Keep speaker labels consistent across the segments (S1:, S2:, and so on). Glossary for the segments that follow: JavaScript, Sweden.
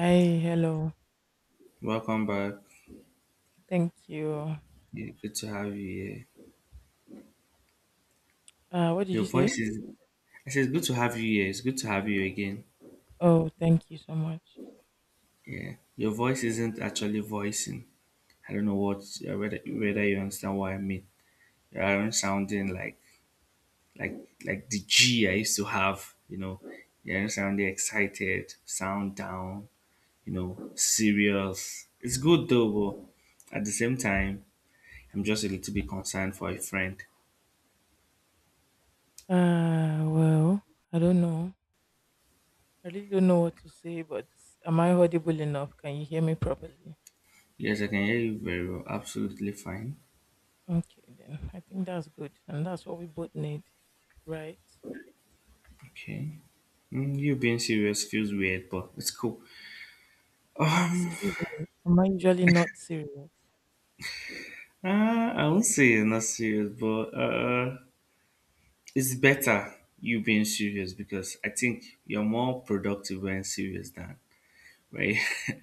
S1: Hi, hello.
S2: Welcome back.
S1: Thank you.
S2: Yeah, good to have you here.
S1: What did
S2: Your
S1: you say?
S2: voice is. I said, good to have you here. It's good to have you again.
S1: Oh, thank you so much.
S2: Yeah. Your voice isn't actually voicing. I don't know what whether you understand what I mean. You aren't sounding like like like the G I used to have. You know, you aren't sounding excited, sound down. You know, serious. It's good though, but at the same time, I'm just a little bit concerned for a friend.
S1: Uh, well, I don't know. I really don't know what to say, but am I audible enough? Can you hear me properly?
S2: Yes, I can hear you very well. Absolutely fine.
S1: Okay, then. I think that's good. And that's what we both need, right?
S2: Okay. Mm, you being serious feels weird, but it's cool. Uh,
S1: Excuse me. Am I usually not serious?
S2: I won't say it's not serious, but it's better you being serious because I think you're more productive when serious than right.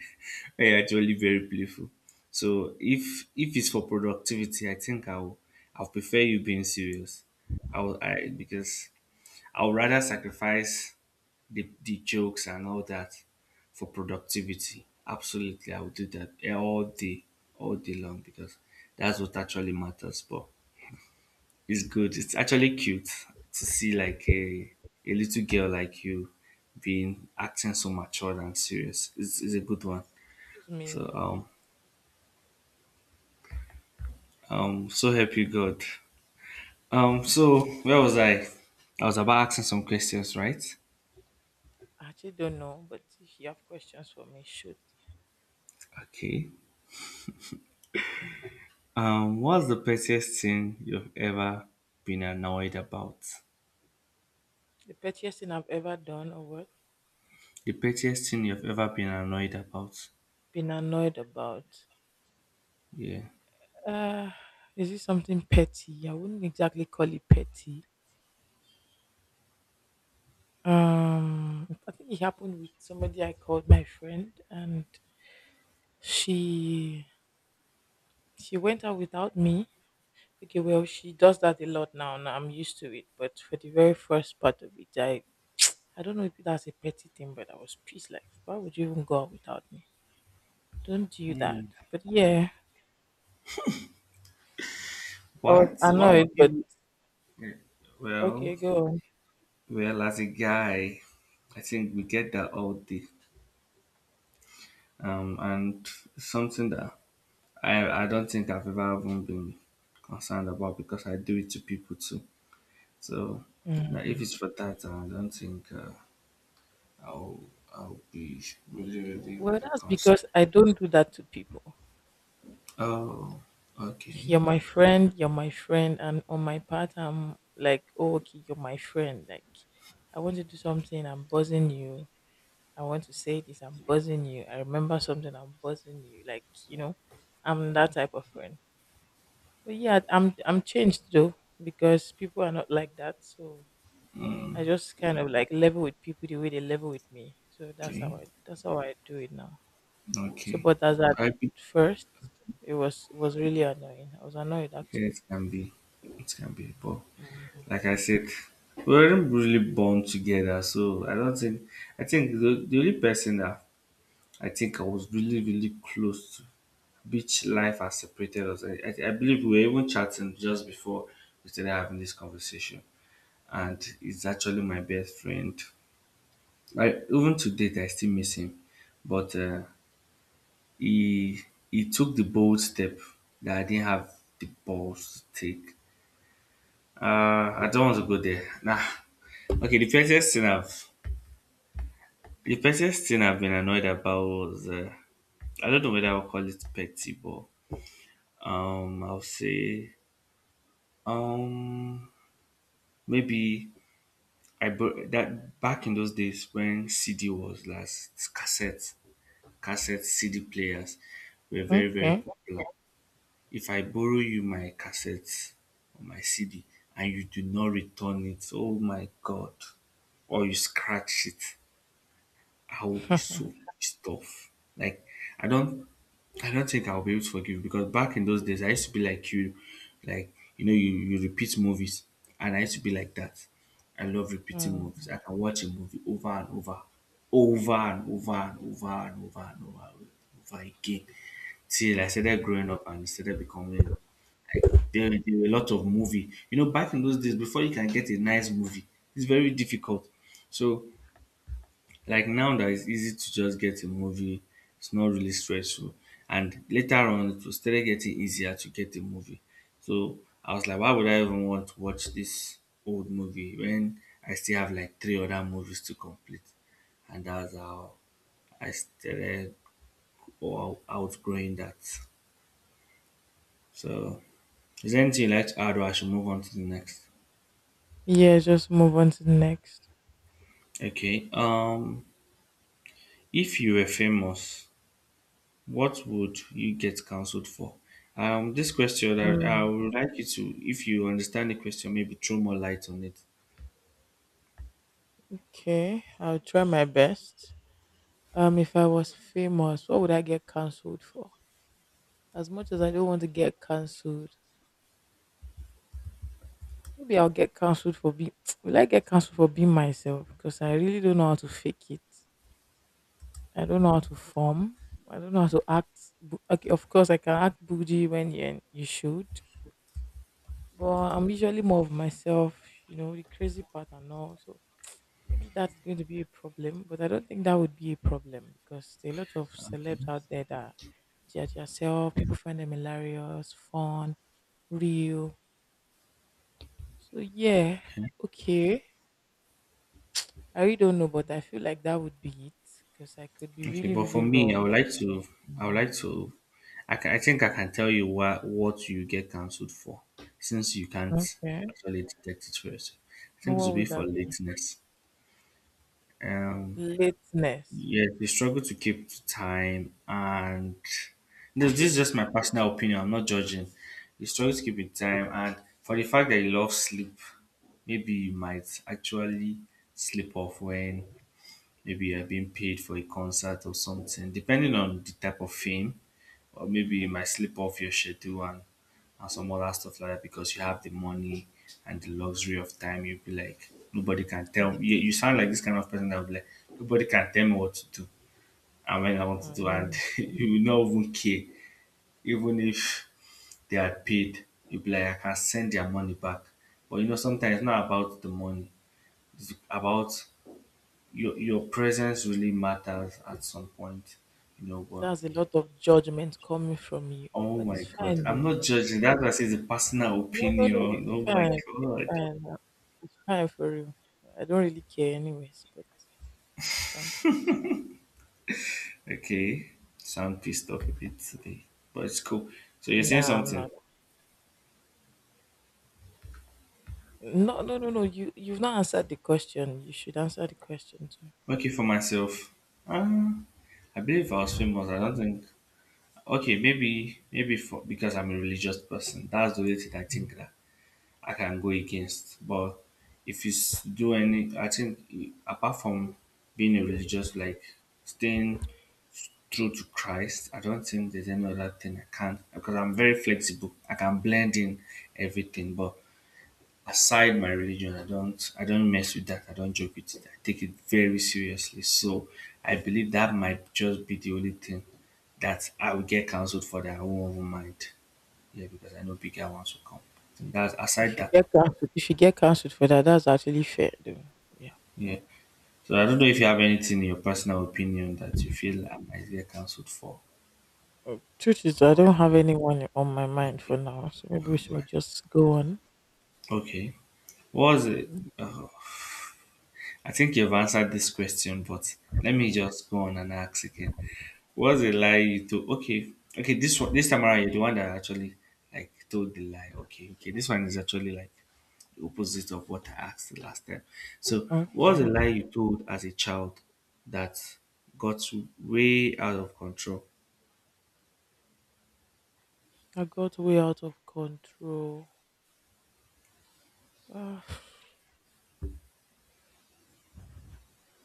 S2: When you're actually very playful. So if it's for productivity, I think I'll prefer you being serious. I'll I because I'll rather sacrifice the jokes and all that for productivity. Absolutely, I would do that all day long because that's what actually matters. But it's good. It's actually cute to see like a little girl like you being acting so mature and serious. It's a good one.
S1: Excuse
S2: So
S1: me.
S2: so help you God. So where was I? I was about asking some questions, right?
S1: I actually don't know, but if you have questions for me, shoot.
S2: Okay. What's the pettiest thing you've ever been annoyed about?
S1: The pettiest thing I've ever done or what?
S2: The pettiest thing you've ever been annoyed about?
S1: Been annoyed about.
S2: Yeah.
S1: Uh, is it something petty? I wouldn't exactly call it petty. I think it happened with somebody I called my friend, and she she went out without me. Okay, well, she does that a lot now, and I'm used to it. But for the very first part of it, I don't know if that's a petty thing, but I was pissed. Like, why would you even go out without me? Don't do that.
S2: Hmm.
S1: But yeah, I was
S2: What? Why do
S1: annoyed. But
S2: you? Yeah, well,
S1: okay, go on.
S2: as a guy, I think we get that all day. And something that I don't think I've ever even been concerned about because I do it to people too. So now, if
S1: Mm.
S2: it's for that, I don't think I'll I'll be
S1: Well,
S2: really
S1: that's
S2: concerned.
S1: because I don't do that to people.
S2: Oh, okay,
S1: You're my friend, you're my friend, and on my part, I'm like, oh, okay, you're my friend. Like, I want to do something, I'm buzzing you. I want to say this, I'm buzzing you. I remember something, I'm buzzing you. Like, you know, I'm that type of friend. But yeah, I'm changed though because people are not like that. So I just kind of like level with people the way they level with me. So that's
S2: okay,
S1: how I that's how I do it now. So,
S2: okay.
S1: but as at
S2: I be,
S1: first, it was really annoying. I was annoyed
S2: yeah,
S1: actually.
S2: it can be, but
S1: Mm.
S2: like I said, we weren't really born together, so I don't think. I think the only person that I think I was really, close to, which life has separated us. I believe we were even chatting just before we started having this conversation, and he's actually my best friend. I even to date, I still miss him, but. He took the bold step that I didn't have the balls to take. I don't want to go there. Nah. Okay, the pettiest thing I've been annoyed about was I don't know whether I'll call it petty, but I'll say um maybe that back in those days when CD was last cassette CD players were very
S1: Okay.
S2: popular. If I borrow you my cassette or my CD and you do not return it, oh my God, or you scratch it, I will be so pissed off. Like I don't I don't think I'll be able to forgive because back in those days I used to be like you know, you repeat movies and I used to be like that. I love repeating
S1: Mm.
S2: movies. I can watch a movie over and over and over and over and over and over again. Till I started growing up and started becoming like there were a lot of movie. You know, back in those days, before you can get a nice movie, it's very difficult. So like now that it's easy to just get a movie, it's not really stressful, and later on it was started getting easier to get a movie, so I was like, why would I even want to watch this old movie when I still have like three other movies to complete? And that's how I started or outgrowing that. So is there anything you'd like to add or I should move on to the next?
S1: Yeah, just move on to the next.
S2: Okay, if you were famous, what would you get counseled for? This question, I
S1: Mm.
S2: would like you to, if you understand the question, maybe throw more light on it.
S1: Okay, I'll try my best. If I was famous, what would I get cancelled for? As much as I don't want to get cancelled, maybe I'll get cancelled for being. Will I get cancelled for being myself? Because I really don't know how to fake it. I don't know how to form. I don't know how to act. Okay, of course I can act bougie when you should, but I'm usually more of myself. You know, the crazy part and all. So maybe that's going to be a problem, but I don't think that would be a problem because there are a lot of celebs out there that judge yourself. People find them hilarious, fun, real. So yeah, okay. I really don't know, but I feel like that would be it because I could be
S2: Okay,
S1: really,
S2: but for
S1: really
S2: me, I
S1: raw.
S2: would like to, I would like
S1: Mhm.
S2: to, I think I can tell you what you get cancelled for, since you can't
S1: Okay,
S2: actually detect it first. I
S1: now
S2: think it will
S1: what
S2: be
S1: would
S2: for
S1: that be?
S2: lateness. Um,
S1: Lateness.
S2: Yes, they struggle to keep to time, and this is
S1: Okay.
S2: just my personal opinion. I'm not judging. They struggle to keep in time, and for the fact that you love sleep, maybe you might actually sleep off when maybe you're being paid for a concert or something, depending on the type of fame, or maybe you might slip off your schedule and some other stuff like that because you have the money and the luxury of time. You'll be like, nobody can
S1: And
S2: tell
S1: this
S2: me. You,
S1: is,
S2: you sound like this kind of person that will be like, nobody can tell me what to do and when I wanted to, and
S1: um,
S2: you will not even care. Even if they are paid, you'll be like, I can send their money back. But you know, sometimes it's not about the money, it's about your presence really matters at some point, you know. But
S1: that's a lot of judgment coming from you,
S2: oh
S1: but
S2: my
S1: it's
S2: god,
S1: fine
S2: I'm
S1: though.
S2: not judging, that was is a personal
S1: No, no, no.
S2: opinion.
S1: It's
S2: Oh my
S1: fine. It's
S2: god.
S1: fine. It's fine for you. I don't really care, anyways. But it's fine.
S2: Okay. So I'm pissed off a bit today. But it's cool. So you're saying
S1: Nah, I'm
S2: something.
S1: not. No, no, no, no. You've not answered the question. You should answer the question too.
S2: Okay, for myself. Um I believe if I was famous. I don't think. Okay, maybe for because I'm a religious person, that's the only thing I think that I can go against. But if you s- do any, I think apart from being a religious, like staying true to Christ, I don't think there's any other thing I can't, because I'm very flexible. I can blend in everything, but aside my religion, I don't mess with that, I don't joke with it, I take it very seriously. So I believe that might just be the only thing that I will get cancelled for that I won't even mind, yeah, because I know bigger ones will come, and that's aside
S1: If you
S2: that.
S1: get cancelled, if you get cancelled for that, that's actually fair, though. Yeah.
S2: Yeah so I don't know if you have anything in your personal opinion that you feel I might get cancelled for
S1: Truth is, I
S2: or.
S1: don't have anyone on my mind
S2: Okay,
S1: for now, so maybe we
S2: all
S1: should
S2: right,
S1: just go on.
S2: okay, what was it?
S1: Mm.
S2: Uh, I think you've answered this question, but let me just go on and ask again. What's the lie you told? Okay, okay, this one, this time around, you're the one that actually like told the lie. Okay, okay, this one is actually like the opposite of what I asked the last time. So, what's the
S1: Okay.
S2: lie you told as a child that got way out of control?
S1: I got way out of control. Uh,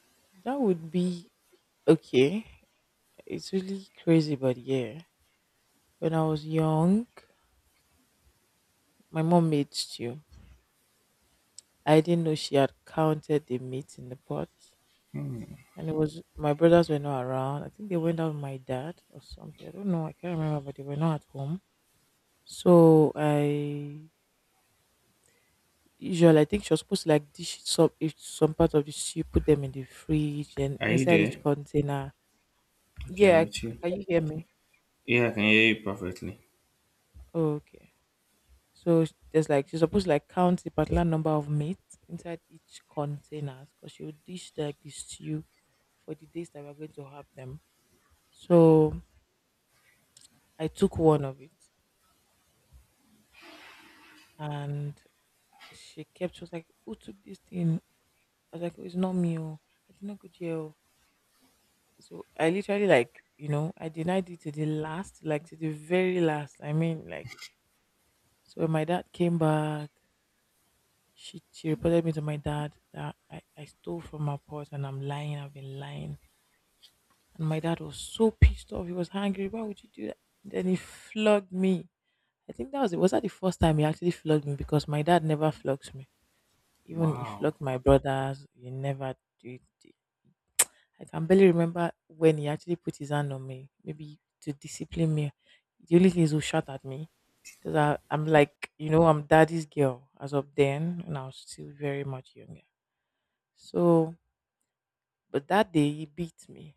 S1: that would be okay. It's really crazy, but yeah. When I was young, my mom made stew. I didn't know she had counted the meat in the pot. And it was my brothers were not around. I think they went out with my dad or something. I don't know. I can't remember, but they were not at home. So I usually I think she was supposed to like dish some if some part of the stew, put them in the fridge and
S2: Are you
S1: inside each
S2: there?
S1: container.
S2: Okay, I'm
S1: Yeah,
S2: with you.
S1: can you hear me?
S2: Yeah, I can hear you perfectly.
S1: Oh, okay. So there's like she's supposed to like count the particular number of meat inside each container because she would dish like the stew for the days that we're going to have them. So I took one of it and she kept she was like, "Who took this thing?" I was like, "Oh, it's not me. Oh. I did not go jail." So I literally like, you know, I denied it to the last, like to the very last. I mean like so when my dad came back, she reported me to my dad that I stole from her purse and I'm lying, I've been lying. And my dad was so pissed off. He was angry. Why would you do that? Then he flogged me. I think that was it. Was that the first time he actually flogged me? Because my dad never flogs me. Even he
S2: Wow.
S1: flogged my brothers, he never did it. I can barely remember when he actually put his hand on me, maybe to discipline me. The only thing is he shot at me because I'm like, you know, I'm daddy's girl as of then, and I was still very much younger. So, but that day he beat me.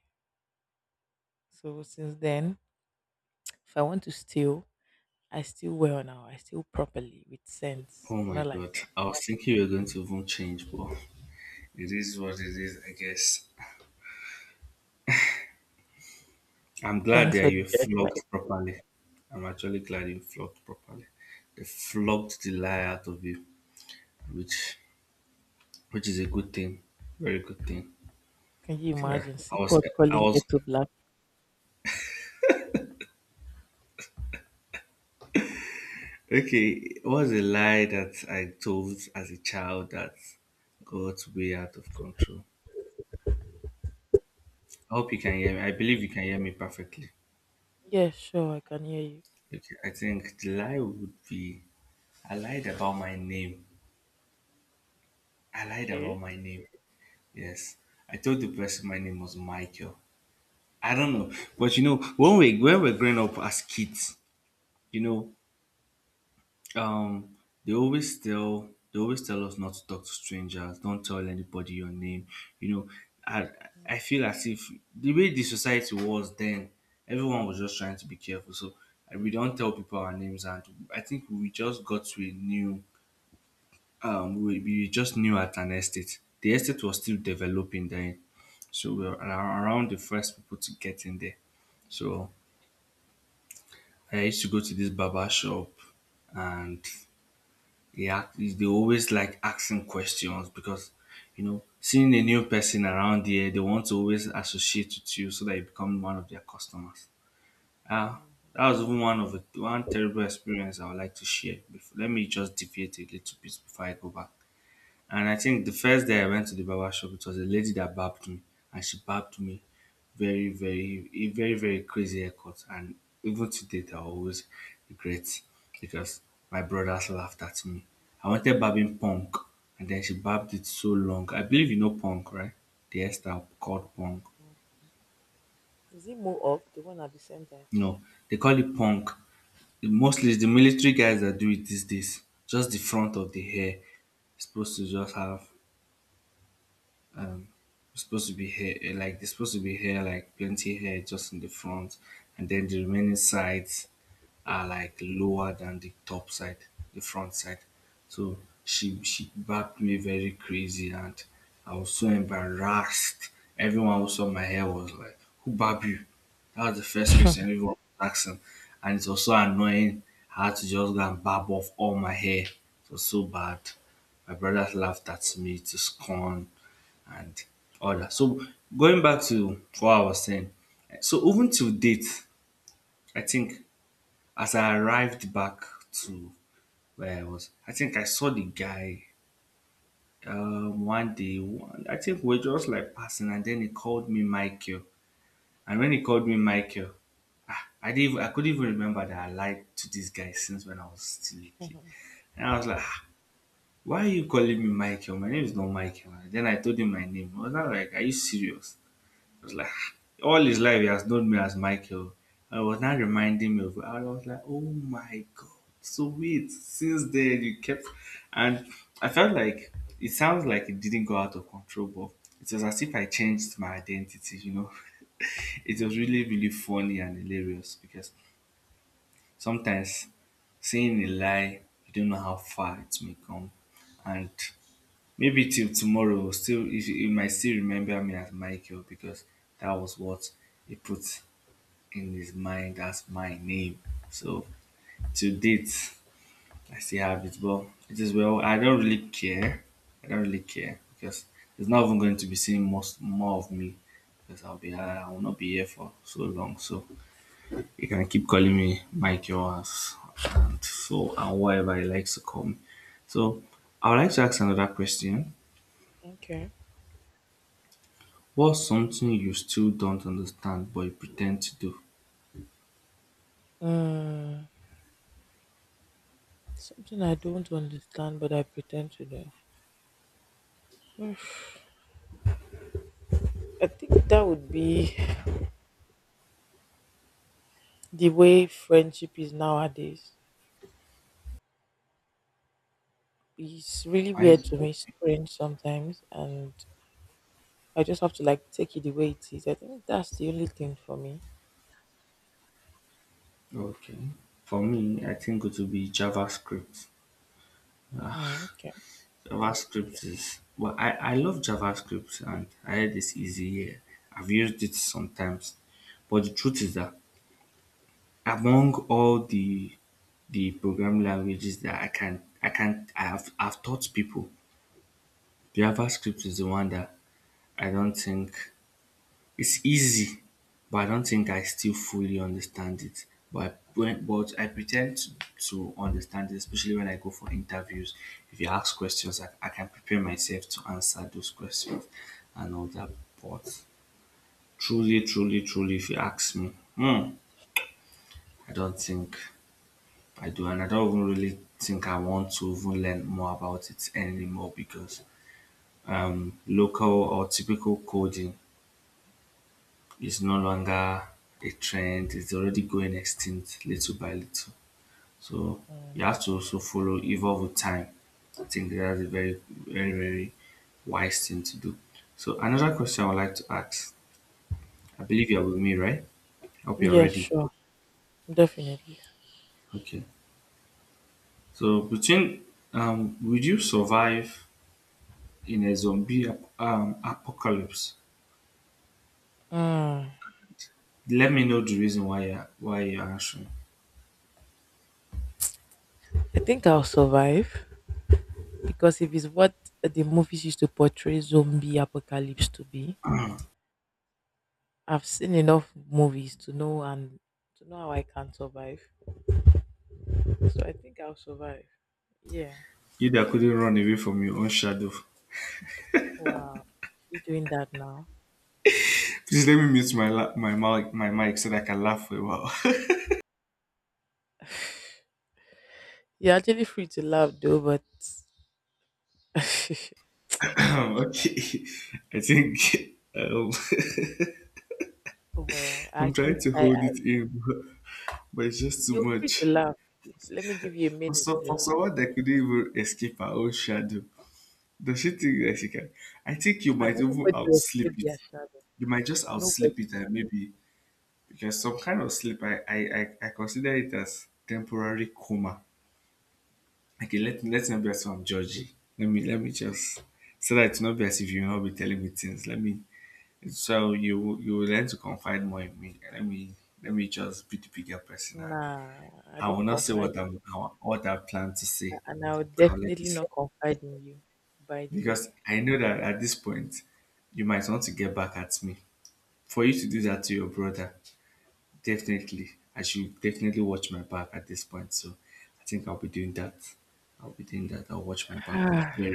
S1: So since then, if I want to steal, I steal well now. I steal properly with sense,
S2: Oh my
S1: not like
S2: god.
S1: that.
S2: I was thinking we were going
S1: Mm.
S2: to even change, but it is what it is, I guess. I'm glad
S1: Thanks
S2: that
S1: for
S2: you
S1: the
S2: flogged
S1: judgment.
S2: properly. I'm actually glad you flogged properly. They flogged the lie out of you, which is a good thing, very good thing.
S1: Can you
S2: So that
S1: imagine?
S2: I was
S1: Seaport
S2: I
S1: calling
S2: was
S1: to black.
S2: okay. It was a lie that I told as a child that got way out of control. I hope you can hear me. I believe you can hear me perfectly.
S1: Yeah, sure, I can hear you.
S2: Okay, I think the lie would be I lied about my name. I lied about
S1: Okay.
S2: my name. Yes. I told the person my name was Michael. I don't know, but you know, when we when we're growing up as kids, you know, um, they always tell us not to talk to strangers. Don't tell anybody your name. You know, I I feel as if the way the society was then, everyone was just trying to be careful. So we don't tell people our names, and I think we just got to a new we just knew at an estate. The estate was still developing then, so we were around the first people to get in there. So I used to go to this barber shop and they always like asking questions because you know seeing a new person around here they want to always associate with you so that you become one of their customers. Ah, that
S1: Mhm.
S2: was even one of the one terrible experience I would like to share before. Let me just deviate a little bit before I go back. And I think the first day I went to the barber shop, it was a lady that barbed me, and she barbed me a very, very crazy haircut. And even to date, I always regret because my brothers laughed at me. I wanted barbing punk, and then she barbed it so long. I believe you know punk, right? The hairstyle called punk.
S1: Is it more up? The one at the center.
S2: No, they call it punk. The- mostly it's the military guys that do it these days. Just the front of the hair. It's supposed to just have supposed to be hair like there's supposed to be hair like plenty hair just in the front and then the remaining sides are like lower than the top side, the front side, so she backed me very crazy. And I was so embarrassed. Everyone who saw my hair was like, who barbed you? That was the first question everyone was asking, and it was so annoying. I had to just go and barb off all my hair. It was so bad. My brothers laughed at me to scorn and all that. So going back to what I was saying, so even till date, I think as I arrived back to where I was, I think I saw the guy one day. One, I think we are just like passing, and then he called me Michael. And when he called me Michael, I didn't. Even, I couldn't even remember that I lied to this guy since when I was still a kid.
S1: Mhm.
S2: And I was like, "Ah, why are you calling me Michael? My name is not Michael." And then I told him my name. I was not like, are you serious? I was like, all his life he has known me as Michael. I was now reminding me of it. I was like, oh my god. So wait, since then you kept and I felt like it sounds like it didn't go out of control, but it was as if I changed my identity, you know. It was really, really funny and hilarious because sometimes saying a lie, you don't know how far it may come. And maybe till tomorrow, still if he might still remember me as Michael because that was what he put in his mind as my name. So to date, I still have it, but it is well. I don't really care. I don't really care because he's not even going to be seeing most more of me because I will not be here for so long. So he can keep calling me Michael as and so and whatever he likes to call me. So I would like to ask another question.
S1: Okay.
S2: What's something you still don't understand but you pretend to do?
S1: Mm, something I don't understand, but I pretend to know. I think that would be the way friendship is nowadays. It's really
S2: I
S1: weird to me, strange sometimes, and I just have to like take it the way it is. I think that's the only thing for me.
S2: okay. For me, I think it would be JavaScript.
S1: Mm, okay.
S2: JavaScript is well, I love JavaScript and I heard it's easy. Yeah. I've used it sometimes. But the truth is that among all the programming languages that I can I can I have I've taught people, JavaScript is the one that I don't think it's easy, but I don't think I still fully understand it. But I pretend to understand it, especially when I go for interviews. If you ask questions, I can prepare myself to answer those questions and all that. But truly, truly, truly, if you ask me, hmm, I don't think I do, and I don't even really think I want to even learn more about it anymore because local or typical coding is no longer a trend. It's already going extinct little by little. So you have to also follow, evolve with time. I think that's a very, very, very wise thing to do. So another question I would like to ask. I believe you're with me, right? Hope you're
S1: Yeah,
S2: ready.
S1: sure. Definitely.
S2: Okay. So between would you survive in a apocalypse?
S1: Mm.
S2: Let me know the reason why you're answering.
S1: I think I'll survive because if it's what the movies used to portray zombie apocalypse to be, I've seen enough movies to know and to know how I can survive. So I think I'll survive. Yeah.
S2: You that couldn't run away from your own shadow.
S1: Wow. You doing that now?
S2: Please let me mute my my mic so that I can laugh for a while.
S1: You're actually free to laugh though, but
S2: Okay, I think um,
S1: well, I
S2: I'm
S1: think
S2: trying to
S1: I,
S2: hold
S1: I
S2: it in, but it's just too
S1: you're free to
S2: much.
S1: laugh. Let me give you a
S2: For,
S1: minute
S2: so,
S1: to
S2: for
S1: laugh.
S2: someone that couldn't even escape her own shadow, does she think that she can? I think you might
S1: Can
S2: even
S1: anybody
S2: outsleep
S1: escape
S2: it.
S1: their shadow?
S2: You might just
S1: Nobody.
S2: outsleep it, and maybe because some kind of sleep, I consider it as temporary coma. Okay, let's not be as if I'm judgy. Let me just so that it's not be as if you will not be telling me things. Let me so you will learn to confide more in me. Let me just be the bigger person. And
S1: Nah, I
S2: I will
S1: don't
S2: not say
S1: confide in
S2: what I plan to say.
S1: that, and I will
S2: I'll let it
S1: definitely not
S2: slide
S1: confide in you. By the
S2: because
S1: way.
S2: I know that at this point you might want to get back at me. For you to do that to your brother, definitely I should definitely watch my back at this point. So I think I'll be doing that. I'll be doing that. I'll watch my back.
S1: Ah,
S2: Yeah.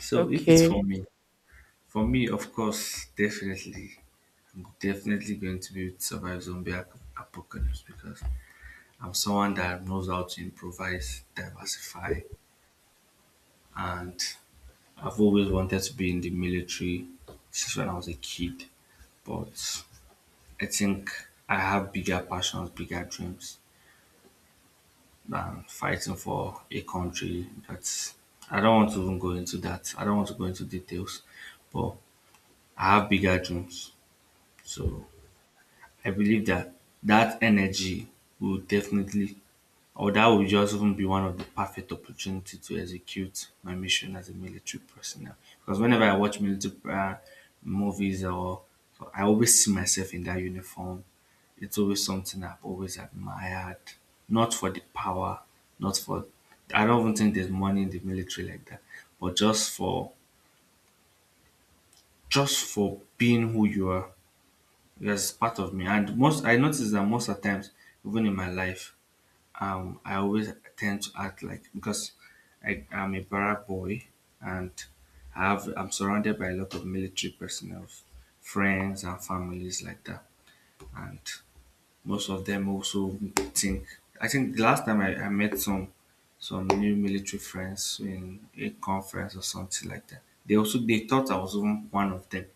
S2: So if it's
S1: okay.
S2: for me, of course, definitely, I'm definitely going to be with survive apocalypse because I'm someone that knows how to improvise, diversify, and I've always wanted to be in the military since when I was a kid. But I think I have bigger passions, bigger dreams than fighting for a country that's. I don't want to even go into that. I don't want to go into details, but I have bigger dreams. So I believe that that energy will definitely, or that will just even be one of the perfect opportunity to execute my mission as a military personnel. Because whenever I watch military movies, or I always see myself in that uniform. It's always something I've always admired. Not for the power, not for. I don't even think there's money in the military like that, but just for being who you are. Yes, part of me. And most I notice that most of the times, even in my life, I always tend to act like because I am a barrack boy and I'm surrounded by a lot of military personnel, friends and families like that. And most of them also think I think the last time I met some new military friends in a conference or something like that. They also they thought I was even one of them.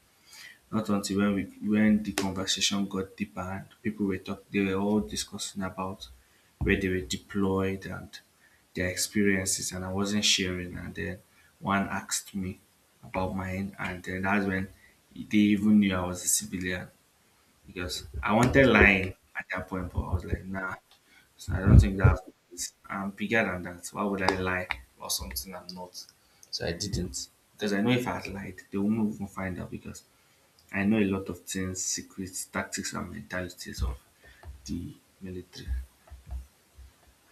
S2: Not until when we when the conversation got deeper and people were talk they were all discussing about where they were deployed and their experiences, and I wasn't sharing, and then one asked me about mine, and then that's when they even knew I was a civilian because I wanted lying at that point, but I was like nah, so I don't think that's what it is. I'm bigger than that. So why would I lie about something I'm not? So I didn't. Because I know if I had lied, they wouldn't even find out because I know a lot of things, secrets, tactics, and mentalities of the military.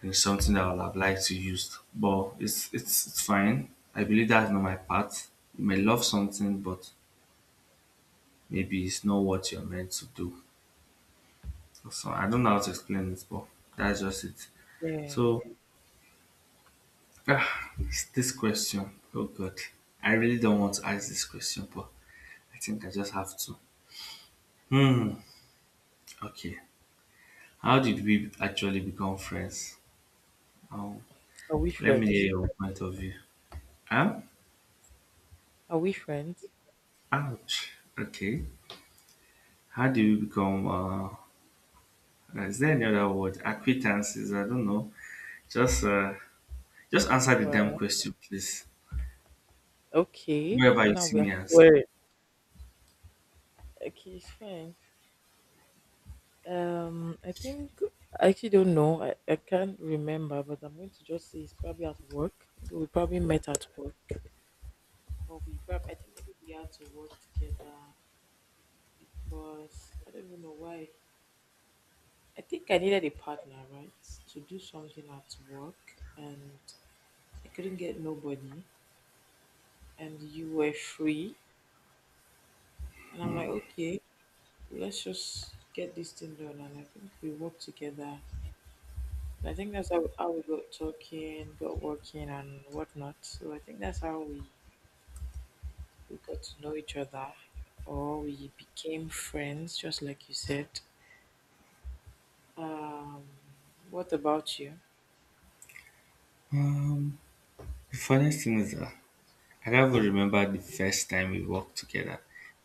S2: It's something
S1: Mm.
S2: that I would have liked to use, but it's fine. I believe that's not my part. You may love something, but maybe it's not what you're meant to do. So I don't know how to explain it, but that's just it.
S1: Yeah.
S2: So it's this question, oh God, I really don't want to ask this question, but I think I just have to. Hmm. Okay. How did we actually become friends? Um,
S1: Are we
S2: Let me hear
S1: friends?
S2: your point of view. Huh?
S1: Are we friends?
S2: Ouch. Okay. How do you become? Is there any other word? Acquaintances? I don't know. Just, uh, just answer the damn
S1: Well,
S2: question, please.
S1: okay.
S2: Wherever you
S1: Now
S2: see
S1: we are
S2: me as.
S1: swearing. Okay, it's fine. I think I actually don't know. I can't remember, but I'm going to just say it's probably at work. Maybe we probably met at work, or we probably I think maybe we had to work together because I don't even know why. I think I needed a partner, right, to do something at work, and I couldn't get nobody, and you were free, and I'm like, okay, let's just get this thing done, and I think we worked together. And I think that's how we got talking, got working, and whatnot. So I think that's how we got to know each other, or we became friends, just like you said. Um, what about you?
S2: Um, the funniest thing is that I can't even remember the first time we worked together.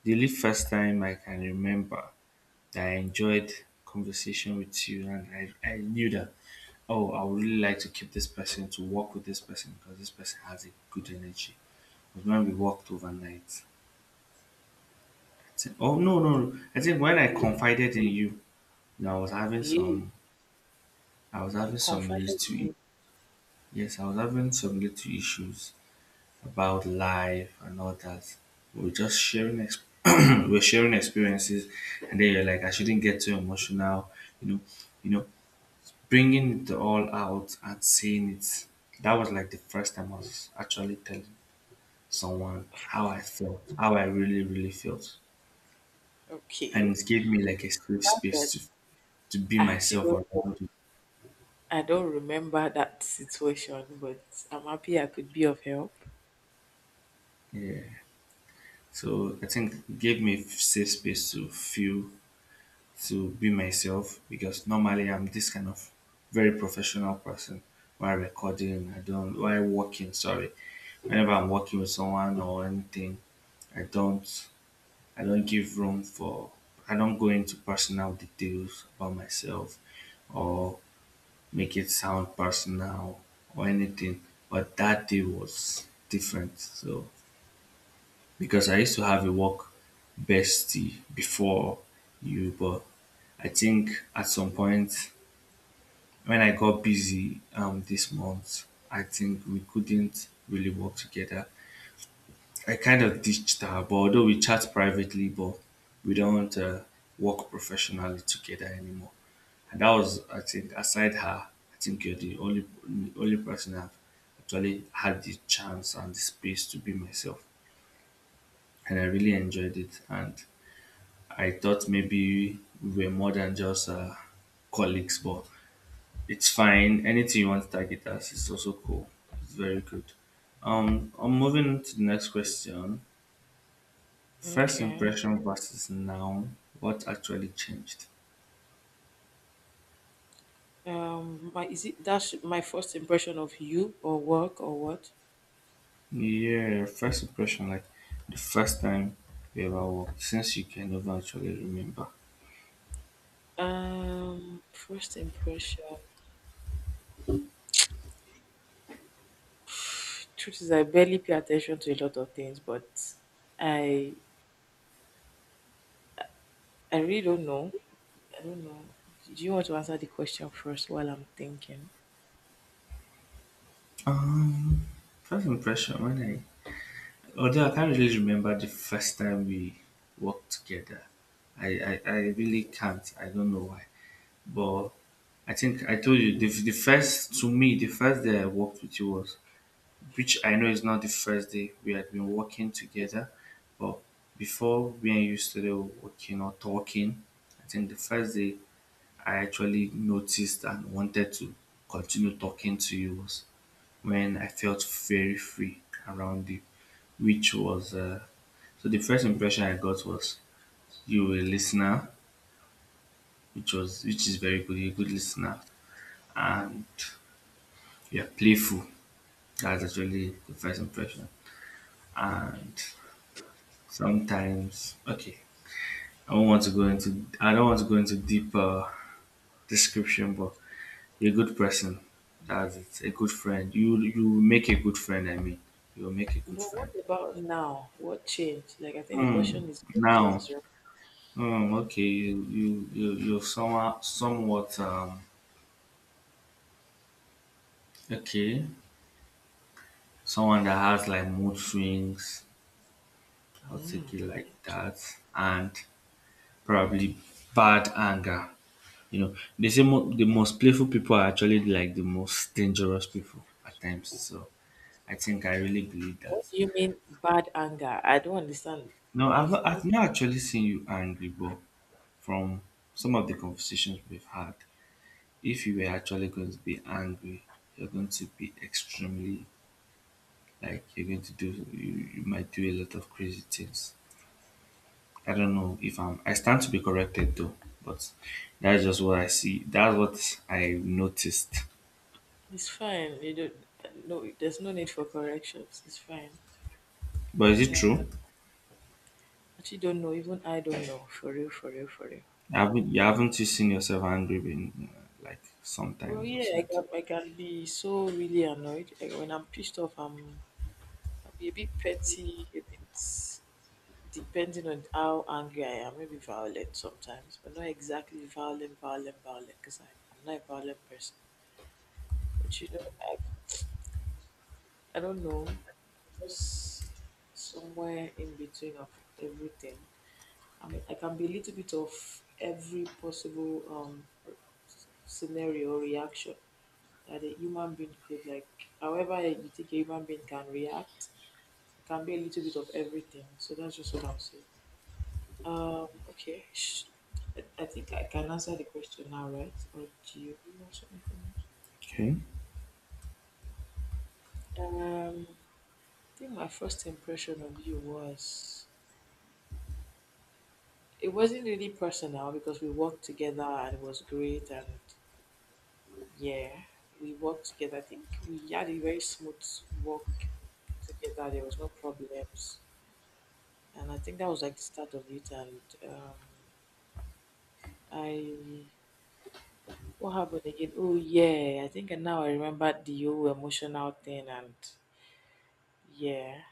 S2: The only first time I can remember that I enjoyed conversation with you, and I knew that oh I would really like to keep this person to work with this person because this person has a good energy, was when we worked overnight. I think, oh no. I think when I
S1: We,
S2: confided in you, you know, I was having
S1: yeah,
S2: some, I was
S1: you
S2: having some
S1: confided
S2: little,
S1: in me.
S2: yes, I was having some little issues about life and all that. We're just sharing we're sharing experiences, and then you're like, I shouldn't get too emotional, you know, you know, bringing it all out and saying it. That was like the first time I was actually telling someone how I felt, how I really, really felt,
S1: Okay,
S2: and it gave me like a safe
S1: not
S2: space
S1: that
S2: to be
S1: I actually
S2: myself
S1: don't,
S2: around. It.
S1: I don't remember that situation, but I'm happy I could be of help.
S2: Yeah. So I think it gave me a safe space to feel to be myself because normally I'm this kind of very professional person while recording, I don't while working, sorry. Whenever I'm working with someone or anything, I don't I don't give room for I don't go into personal details about myself or make it sound personal or anything. But that day was different. So because I used to have a work bestie before you, but I think at some point when I got busy this month, I think we couldn't really work together. I kind of ditched her, but although we chat privately, but we don't work professionally together anymore. And that was, I think, aside her, I think you're the only person I've actually had the chance and the space to be myself, and I really enjoyed it. And I thought maybe we were more than just colleagues, but it's fine. Anything you want to target us, it's also cool. It's very good. I'm moving on to the next question. First
S1: Okay.
S2: impression versus now. What actually changed?
S1: My is it that's my first impression of you or work or what?
S2: Yeah, first impression, like the first time you ever walked, since you can never actually remember.
S1: First impression. Truth is, I barely pay attention to a lot of things, but I I really don't know. I don't know. Do you want to answer the question first while I'm thinking?
S2: Um, First impression when I although I can't really remember the first time we worked together. I really can't. I don't know why. But I think I told you to me, the first day I worked with you was, which I know is not the first day we had been working together, but before we and you started working or talking, I think the first day I actually noticed and wanted to continue talking to you was when I felt very free around you, which was so the first impression I got was you were a listener, which is very good. You're a good listener, and you're playful. That's actually the first impression. And sometimes, okay, I don't want to go into deeper description, but you're a good person. That's it. A good friend. You make a good friend. I mean, you will make a good
S1: But what
S2: friend.
S1: about now? What changed? Like, I think the
S2: Hmm.
S1: question is what
S2: Now
S1: changed, right? Yeah.
S2: Okay, you're somewhat okay. Someone that has like mood swings, I'll take it like
S1: Okay.
S2: that, and probably bad anger. You know, they say the most playful people are actually like the most dangerous people at times. So I think I really believe that.
S1: What do you mean bad anger? I don't understand.
S2: No,
S1: I've
S2: I've
S1: okay,
S2: not actually seen you angry, but from some of the conversations we've had, if you were actually going to be angry, you're going to be extremely like you might do a lot of crazy things. I don't know if I stand to be corrected though, but that's just what I see, that's what I noticed.
S1: it's fine. You don't. No, there's no need for corrections. It's fine.
S2: But is it true,
S1: Actually, don't know. Even I don't know. For real, for real, for real.
S2: haven't you seen yourself angry being like
S1: Well,
S2: sometimes or
S1: yeah, I,
S2: something?
S1: can, I can be so really annoyed. Like, when I'm pissed off, I'm, I'll be a bit petty, a bit depending on how angry I am. Maybe violent sometimes, but not exactly violent, violent, violent, because I'm not a violent person. But you know, I don't know, just somewhere in between of everything. I mean, I can be a little bit of every possible scenario or reaction. That a human being could like however you think a human being can react, it can be a little bit of everything, so that's just what I'll say. um okay sh- I think I can answer the question now, right, or do you want something from me?
S2: Okay.
S1: um I think my first impression of you was it wasn't really personal because we worked together and it was great, and yeah, we worked together. I think we had a very smooth work together. There was no problems, and I think that was like the start of it. And um, I, what happened again? Oh yeah, I think now I remember the whole emotional thing. And yeah,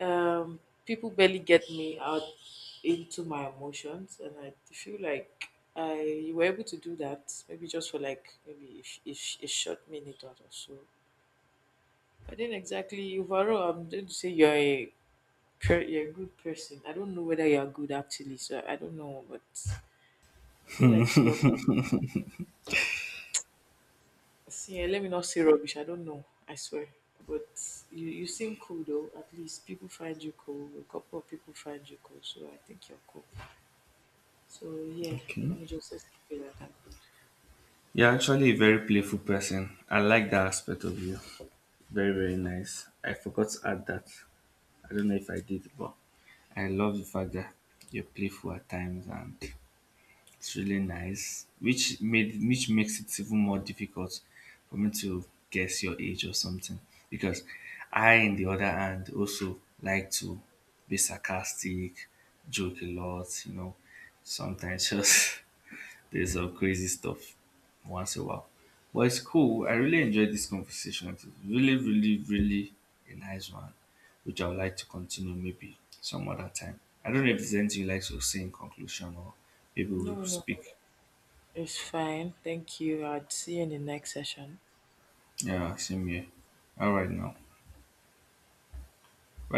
S1: um, people barely get me out into my emotions, and I feel like I you were able to do that maybe just for like maybe a a a short minute or so. I didn't exactly overall. I'm going to say you're a you're a good person. I don't know whether you're good actually, so I don't know, but I feel like you're see, let me not say rubbish. I don't know. I swear. But you seem cool though. At least people find you cool. A couple of people find you cool. So I think you're cool. So yeah,
S2: Okay,
S1: let me just let's keep it at that.
S2: you're actually a very playful person. I like that aspect of you. Very, very nice. I forgot to add that. I don't know if I did, but I love the fact that you're playful at times, and it's really nice, which makes it even more difficult for me to guess your age or something. Because I, on the other hand, also like to be sarcastic, joke a lot. You know, sometimes just there's some crazy stuff once in a while. But it's cool. I really enjoyed this conversation. It was really, really, really a nice one, which I would like to continue maybe some other time. I don't know if there's anything you like to say in conclusion or maybe
S1: No,
S2: we'll
S1: no, no.
S2: speak.
S1: It's fine. Thank you. I'd see you in the next session.
S2: Yeah, same here. All right now. Bye.